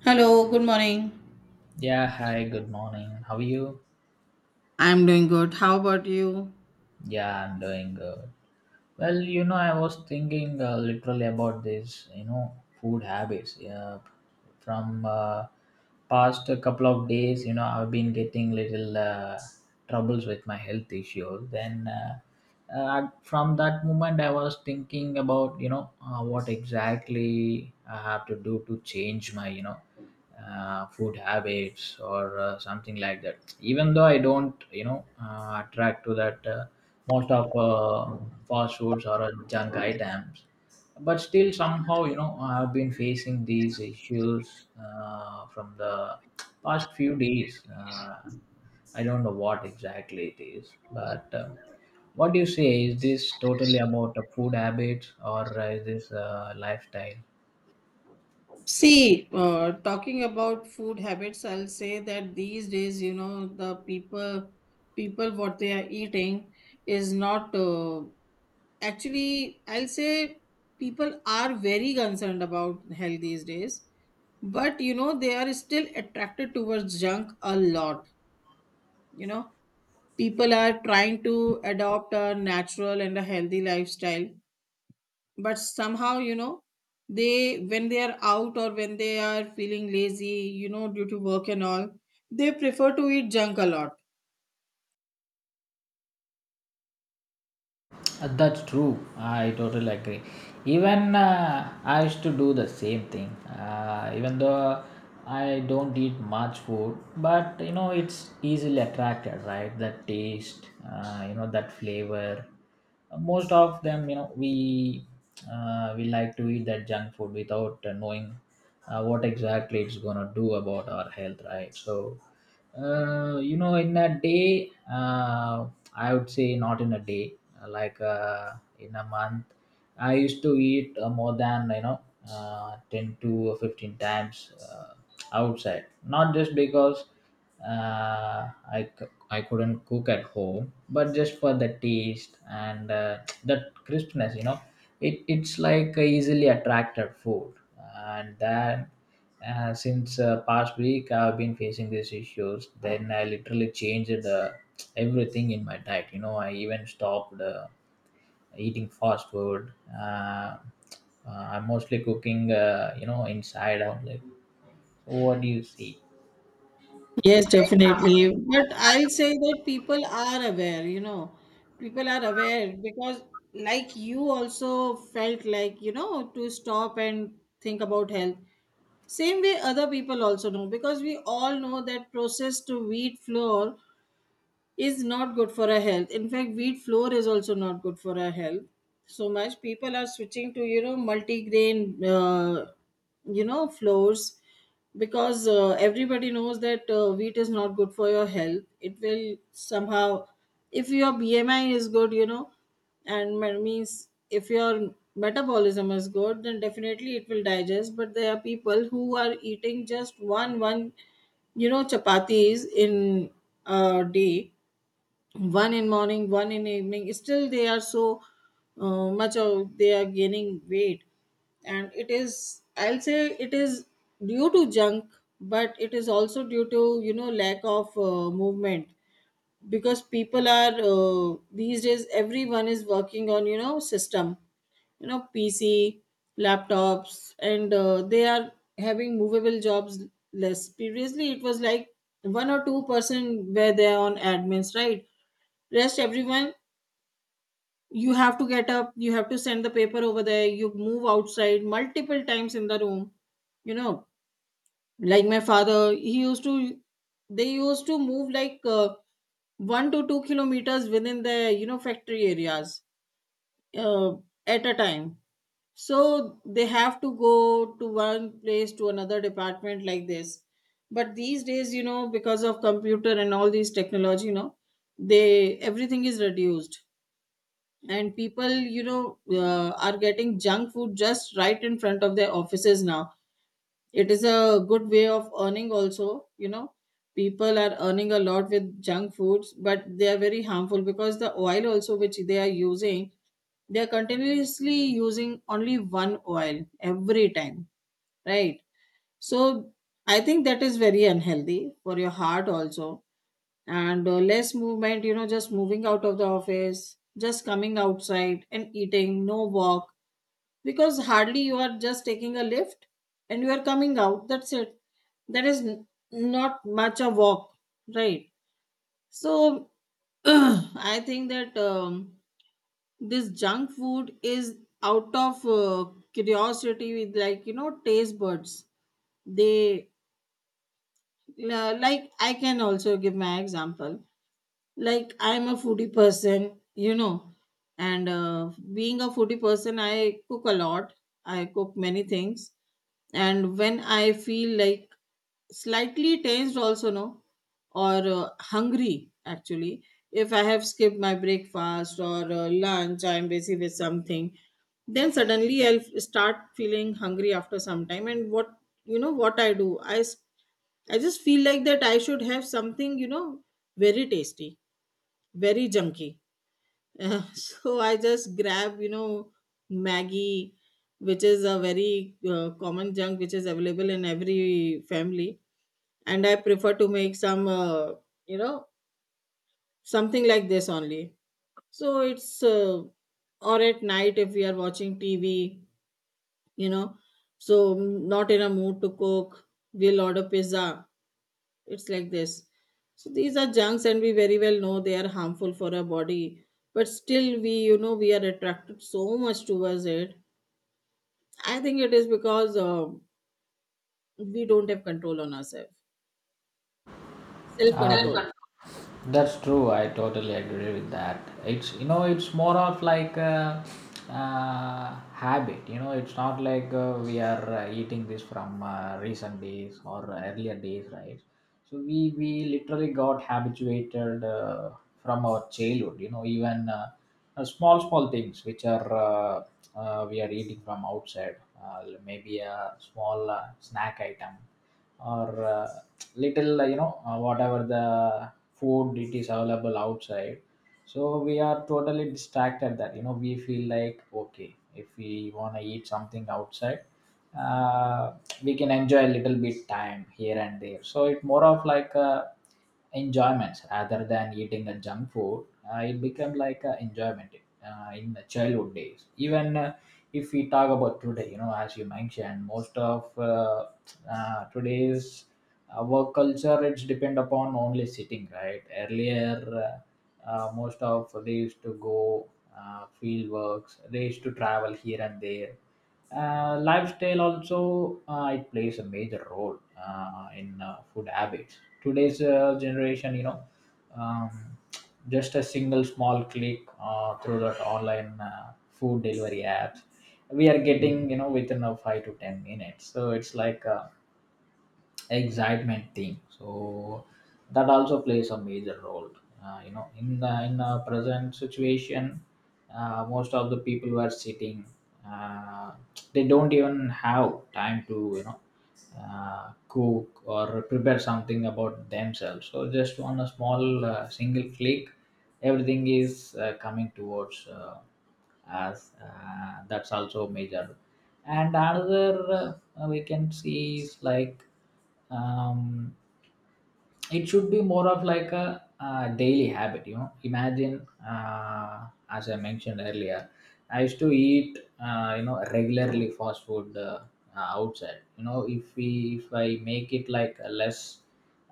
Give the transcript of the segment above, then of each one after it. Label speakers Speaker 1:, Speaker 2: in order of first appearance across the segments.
Speaker 1: Hello, good morning.
Speaker 2: Yeah, hi, good morning. How are you?
Speaker 1: I'm doing good. How about you?
Speaker 2: Yeah, I'm doing good. Well, I was thinking literally about this, food habits. Yeah, from past a couple of days, I've been getting little troubles with my health issue. Then, from that moment, I was thinking about what exactly I have to do to change my food habits or something like that, even though I don't attract to that, most of fast foods or junk items, but still somehow, I've been facing these issues from the past few days. I don't know what exactly it is, but what do you say? Is this totally about a food habit, or is this a lifestyle?
Speaker 1: See, talking about food habits, I'll say that these days, you know, the people, what they are eating is not, actually, I'll say people are very concerned about health these days, but you know, they are still attracted towards junk a lot. You know, people are trying to adopt a natural and a healthy lifestyle, but somehow, you know, they, when they are out or when they are feeling lazy, you know, due to work and all, they prefer to eat junk a lot.
Speaker 2: That's true. I totally agree. Even I used to do the same thing. Even though I don't eat much food, but it's easily attracted, right? That taste, that flavor. Most of them, we like to eat that junk food without knowing what exactly it's gonna do about our health, right? So, in a day, I would say not in a day, like, in a month. I used to eat more than 10 to 15 times outside. Not just because I couldn't cook at home, but just for the taste and that crispness. It's like a easily attracted food, and that, since past week, I've been facing these issues. Then I literally changed everything in my diet. I even stopped eating fast food. uh, I'm mostly cooking, inside only. So what do you see?
Speaker 1: Yes, definitely. But I'll say that people are aware, you know, people are aware because like you also felt like, you know, to stop and think about health, same way other people also know, because we all know that processed wheat flour is not good for our health. In fact, wheat flour is also not good for our health so much. People are switching to, you know, multigrain, you know, flours, because everybody knows that wheat is not good for your health. It will somehow, if your BMI is good, you know, and means if your metabolism is good, then definitely it will digest. But there are people who are eating just one, you know, chapatis in a day, one in morning, one in evening, still they are so much of, they are gaining weight, and it is, I'll say it is due to junk, but it is also due to, you know, lack of movement. Because people are these days, everyone is working on, you know, system, you know, pc, laptops, and they are having movable jobs less. Previously, it was like one or two-person were there on admins, right? Rest everyone, you have to get up, you have to send the paper over there, you move outside multiple times in the room, you know. Like my father, he used to, they used to move like 1 to 2 kilometers within the, you know, factory areas, uh, at a time. So they have to go to one place to another department, like this. But these days, you know, because of computer and all these technology, you know, they, everything is reduced, and people, you know, are getting junk food just right in front of their offices now. It is a good way of earning also, you know, people are earning a lot with junk foods, but they are very harmful, because the oil also which they are using, they are continuously using only one oil every time, right? So I think that is very unhealthy for your heart also. And less movement, you know, just moving out of the office, just coming outside and eating, no walk, because hardly, you are just taking a lift and you are coming out, that's it. that is n- Not much a walk, right? So I think that this junk food is out of curiosity with, like, you know, taste buds they Like, I can also give my example. Like, I'm a foodie person, you know, and being a foodie person, I cook a lot, I cook many things. And when I feel like slightly tensed also, no, or hungry, actually, if I have skipped my breakfast or lunch, I'm busy with something, then suddenly start feeling hungry after some time. And what, you know what I do, I just feel like that I should have something, you know, very tasty, very junky. So I just grab, you know, Maggie, which is a very common junk which is available in every family, and I prefer to make some, you know, something like this only. So it's or at night, if we are watching TV, you know, so not in a mood to cook, we'll order pizza, it's like this. So these are junks and we very well know they are harmful for our body, but still we, you know, we are attracted so much towards it. I think it is because we don't have control on ourselves, self control.
Speaker 2: um, That's true. I totally agree with that. It's you know it's more of like a habit. You know, it's not like we are eating this from recent days or earlier days, right? So we literally got habituated from our childhood. You know, even. Small small things which are we are eating from outside, maybe a small snack item or little, whatever the food it is available outside. So we are totally distracted that we feel like, okay, if we want to eat something outside uh, we can enjoy a little bit time here and there, so it more of like a enjoyment rather than eating a junk food. It became like a enjoyment in the childhood days. Even if we talk about today, as you mentioned, most of today's work culture, it's depend upon only sitting, right? Earlier, most of they used to go field works, they used to travel here and there. Lifestyle also, it plays a major role in food habits. Today's generation, you know, um, just a single small click through that online food delivery apps, we are getting, within a 5 to 10 minutes. So it's like excitement thing, so that also plays a major role, in the present situation. Most of the people were sitting. uh, they don't even have time to, cook or prepare something about themselves. So just on a small single click, everything is coming towards us. That's also major. And another, we can see is like, um, it should be more of like a, daily habit. Imagine, as I mentioned earlier, I used to eat, regularly fast food outside. If we if I make it like a less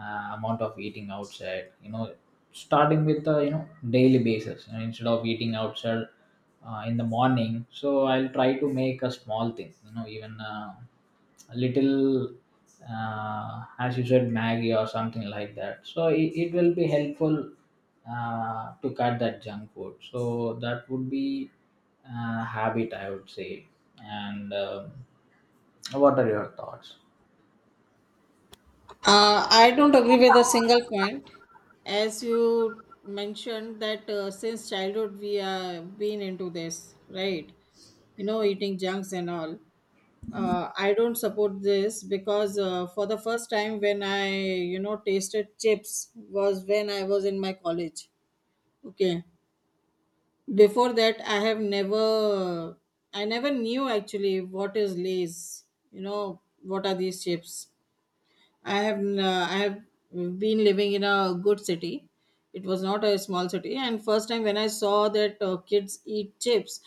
Speaker 2: amount of eating outside, starting with, daily basis, instead of eating outside in the morning, so I'll try to make a small thing, even a little, as you said, maggie or something like that. So it will be helpful to cut that junk food. So that would be a habit, I would say. And what are your thoughts?
Speaker 1: I don't agree with a single point. As you mentioned that since childhood we have been into this, right? You know, eating junks and all. I don't support this because for the first time when I, you know, tasted chips was when I was in my college. Okay. Before that, I never knew actually what is Lay's, you know, what are these chips. I have been living in a good city. It was not a small city, and first time when I saw that kids eat chips,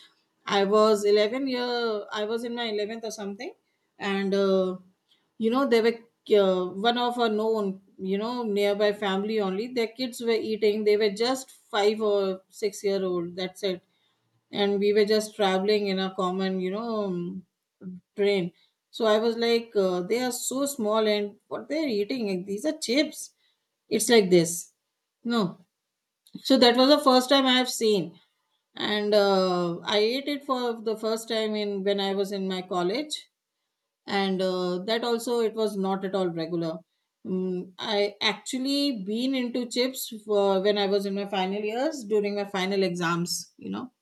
Speaker 1: I was 11 year, I was in my eleventh or something, and you know, they were one of our known, you know, nearby family only. Their kids were eating. They were just five or six-year-old. That's it. And we were just traveling in a common, you know, train. So I was like, they are so small and what they're eating, like, these are chips, it's like this, no. So that was the first time I have seen. And I ate it for the first time in when I was in my college. And that also, it was not at all regular. Mm, I actually been into chips for when I was in my final years during my final exams, you know,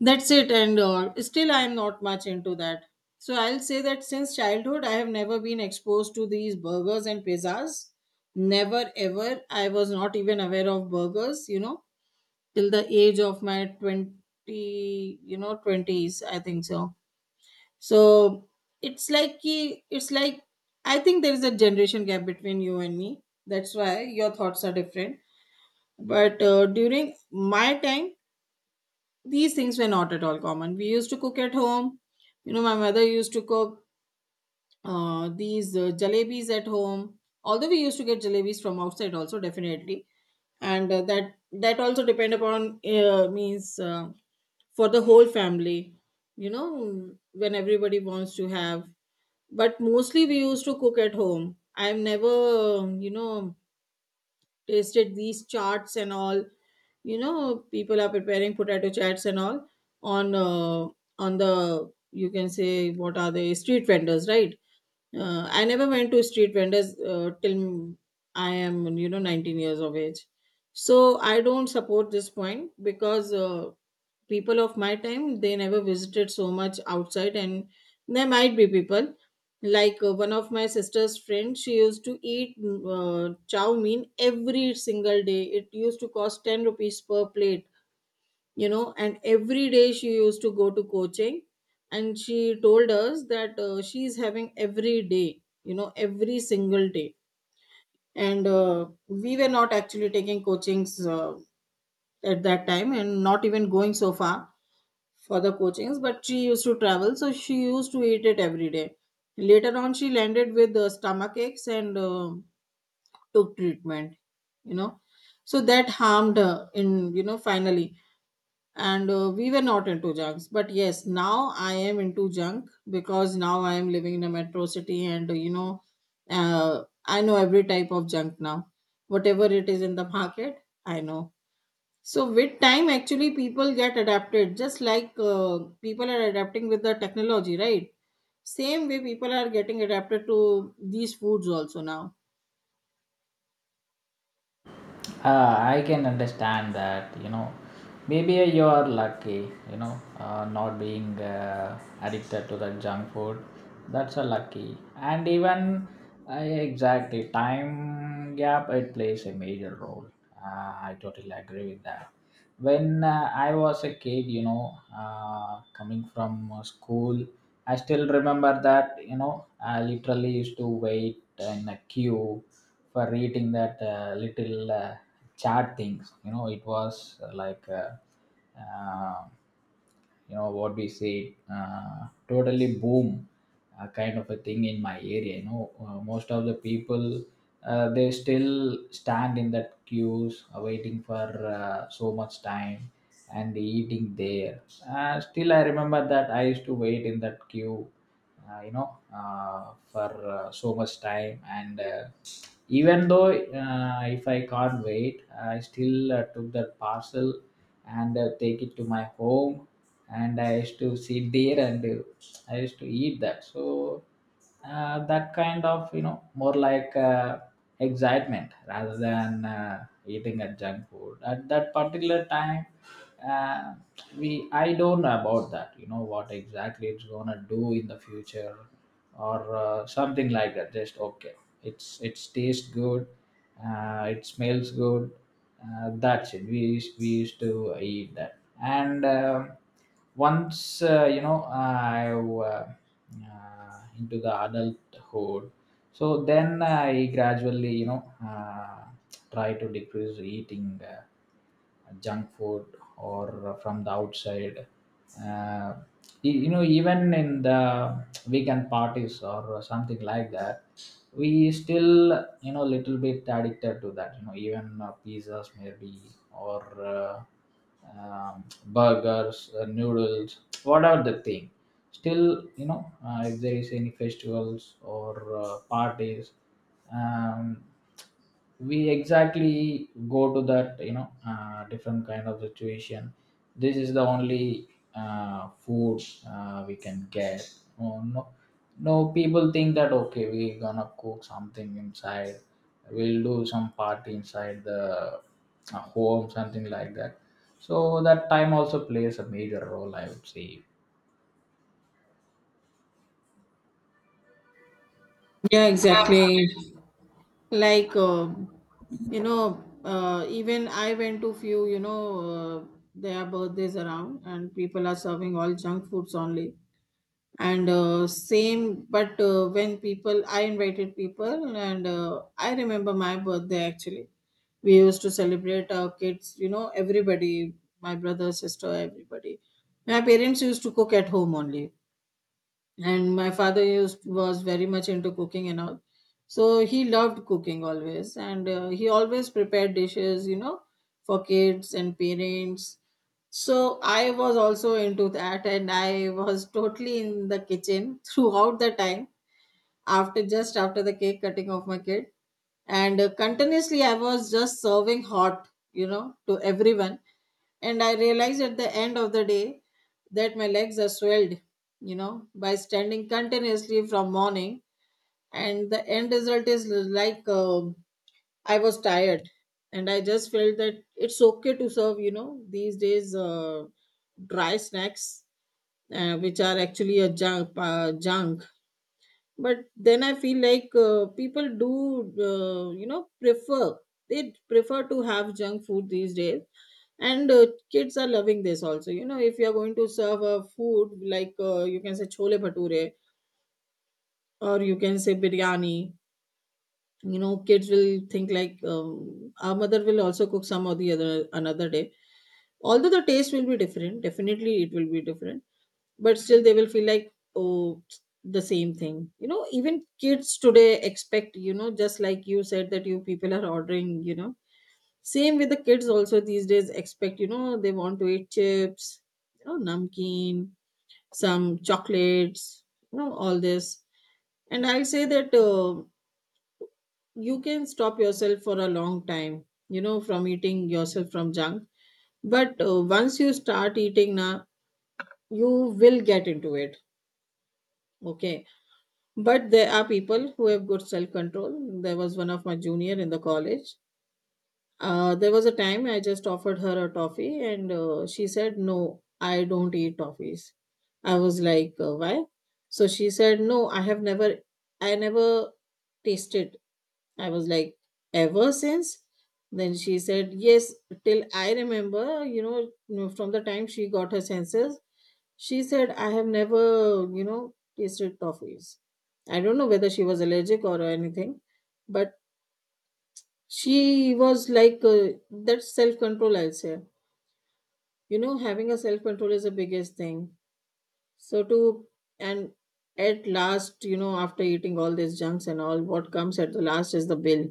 Speaker 1: that's it. And still I am not much into that. So I'll say that since childhood, I have never been exposed to these burgers and pizzas. Never ever. I was not even aware of burgers, you know, till the age of my 20, you know, 20s, I think so. So it's like, I think there is a generation gap between you and me. That's why your thoughts are different. But during my time, these things were not at all common. We used to cook at home. You know, my mother used to cook these jalebis at home. Although we used to get jalebis from outside also, definitely. And that also depend upon means for the whole family. You know, when everybody wants to have, but mostly we used to cook at home. I've never, you know, tasted these charts and all. You know, people are preparing potato chats and all on uh, on the, you can say, what are the street vendors, right? I never went to street vendors till I am, you know, 19 years of age. So I don't support this point, because people of my time, they never visited so much outside. And there might be people, like one of my sister's friend. She used to eat chow mein every single day. It used to cost 10 rupees per plate, you know. And every day she used to go to coaching, and she told us that she is having every day, you know, every single day. And we were not actually taking coachings at that time, and not even going so far for the coachings, but she used to travel, so she used to eat it every day. Later on, she landed with stomach aches, and took treatment, you know. So that harmed her in, you know, finally. And we were not into junks, but yes, now I am into junk, because now I am living in a metro city, and you know, I know every type of junk now, whatever it is in the market, I know. So with time, actually, people get adapted, just like people are adapting with the technology, right? Same way, people are getting adapted to these foods also now.
Speaker 2: I can understand that, you know, maybe you're lucky, not being addicted to the junk food. That's a lucky. And even, exactly time gap, it plays a major role. Uh, I totally agree with that. When I was a kid, you know, coming from school, I still remember that, I literally used to wait in a queue for eating that little chat things. You know, it was, like, uh, you know, what we say, totally boom, kind of a thing in my area. You know, most of the people. They still stand in that queues, waiting for so much time and eating there. Still I remember that I used to wait in that queue, for so much time. And even though, if I can't wait, I still took that parcel and, take it to my home, and I used to sit there, and I used to eat that. So that kind of, more like excitement rather than eating a junk food at that particular time. Uh, we I don't know about that, what exactly it's gonna do in the future or something like that. Just okay, it's tastes good, it smells good, that's it. We used to eat that. And once, you know I into the adulthood. So then I gradually, uh, try to decrease eating uh, junk food or from the outside. Uh, you know, even in the weekend parties or something like that, we still, little bit addicted to that. You know, even pizzas maybe or, burgers, noodles, whatever the thing. Still, you know, if there is any festivals or parties, um, we exactly go to that, different kind of situation. This is the only food we can get. Oh, no, no, people think that, okay, we gonna cook something inside, we'll do some party inside the home, something like that. So that time also plays a major role, I would say.
Speaker 1: Yeah, exactly. Like, you know, even I went to few, you know, uh, their birthdays around, and people are serving all junk foods only. And same, but when people, I invited people, and I remember my birthday, actually, we used to celebrate our kids, you know, everybody, my brother, sister, everybody, my parents used to cook at home only. And my father used was very much into cooking and all, so he loved cooking always, and he always prepared dishes, you know, for kids and parents. So I was also into that, and I was totally in the kitchen throughout the time, after, just after the cake cutting of my kid. And continuously I was just serving hot, you know, to everyone. And I realized at the end of the day that my legs are swelled, you know, by standing continuously from morning. And the end result is like, I was tired. And I just felt that it's okay to serve, you know, these days dry snacks, which are actually a junk, junk, but then I feel like people do, you know, prefer. They prefer to have junk food these days. And kids are loving this also, you know. If you are going to serve a food like, you can say chole bhature or you can say biryani, you know, kids will think like, our mother will also cook some or the other another day. Although the taste will be different, definitely it will be different, but still they will feel like, oh, the same thing, you know. Even kids today expect, you know, just like you said that you people are ordering, you know, same with the kids also these days expect, you know, they want to eat chips, you know, namkeen, some chocolates, you know, all this. And I'll say that you can stop yourself for a long time, you know, from eating yourself from junk. But once you start eating now, you will get into it. Okay. But there are people who have good self control. There was one of my junior in the college. There was a time I just offered her a toffee, and she said, "No, I don't eat toffees." I was like, "Why?" So she said, "No, I never tasted." I was like, "Ever since?" Then she said, "Yes, till I remember. You know, from the time she got her senses, she said, I have never, you know, tasted toffees. I don't know whether she was allergic or anything, but she was like, that's self control, I'll say. You know, having a self control is the biggest thing. So, to, and at last, you know, after eating all these junks and all, what comes at the last is the bill.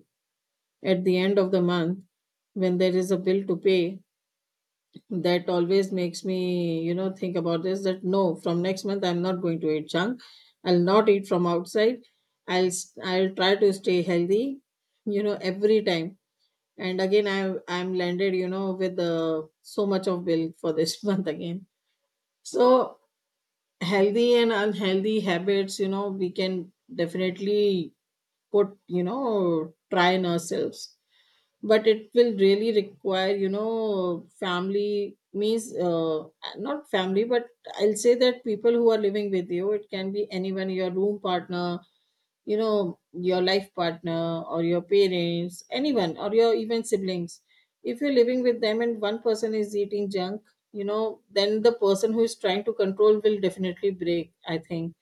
Speaker 1: At the end of the month, when there is a bill to pay, that always makes me, you know, think about this, that no, from next month I'm not going to eat junk, I'll not eat from outside, I'll try to stay healthy, you know, every time. And again I'm landed, you know, with so much of bill for this month again. So healthy and unhealthy habits, you know, we can definitely put, you know, try in ourselves. But it will really require, you know, family means, not family but I'll say that people who are living with you. It can be anyone, your room partner, you know, your life partner or your parents, anyone, or your even siblings. If you're living with them and one person is eating junk, you know, then the person who is trying to control will definitely break, I think.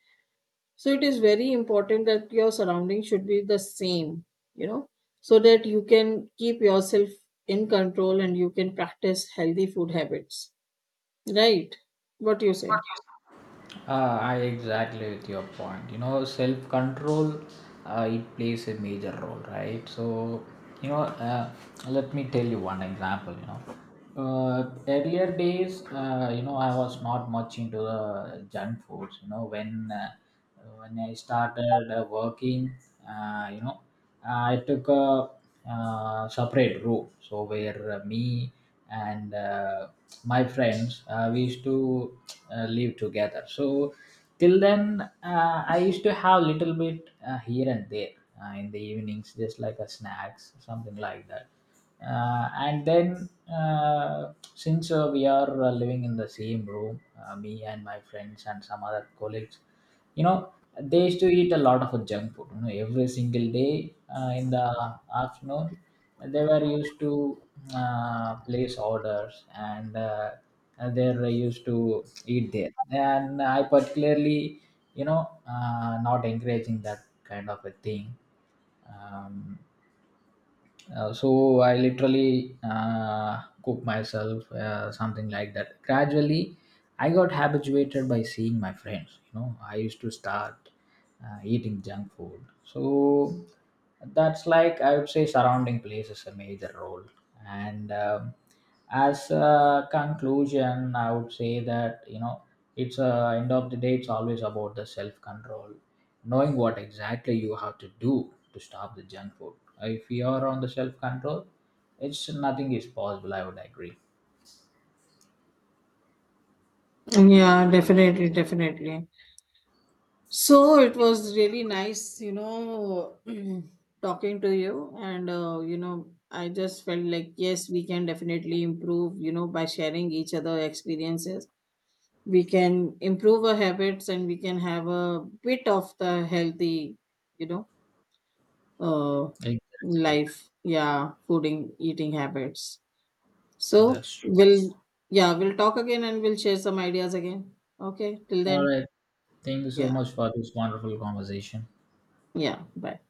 Speaker 1: So it is very important that your surroundings should be the same, you know, so that you can keep yourself in control and you can practice healthy food habits, right? What do you say?
Speaker 2: I exactly with your point. You know, self control, it plays a major role, right? So, you know, let me tell you one example. You know, earlier days, I was not much into the junk foods. You know, when I started working. uh, you know. I took a separate room, so where me and my friends, we used to live together. So till then, I used to have little bit here and there, in the evenings, just like a snacks, something like that. And then since we are living in the same room, me and my friends and some other colleagues, you know they used to eat a lot of junk food, every single day in the afternoon. They were used to place orders, and they were used to eat there. And I particularly, you know not encouraging that kind of a thing. um, so I literally cook myself, something like that. Gradually, I got habituated by seeing my friends. You know, I used to start eating junk food. So that's like, I would say, surrounding plays is a major role. And as a conclusion, I would say that, it's end of the day, it's always about the self control, knowing what exactly you have to do to stop the junk food. If you are on the self control, it's nothing is possible. I would agree.
Speaker 1: Yeah, definitely, definitely. So it was really nice, you know, talking to you. And you know, I just felt like, yes, we can definitely improve, you know, by sharing each other experiences. We can improve our habits and we can have a bit of the healthy, you know, uh
Speaker 2: Exactly,
Speaker 1: life, yeah, fooding eating habits. so
Speaker 2: that's true.
Speaker 1: we'll yeah, we'll talk again and we'll share some ideas again. Okay, till
Speaker 2: All
Speaker 1: then.
Speaker 2: right, thank you so
Speaker 1: Yeah.
Speaker 2: much for this wonderful conversation.
Speaker 1: Yeah, bye.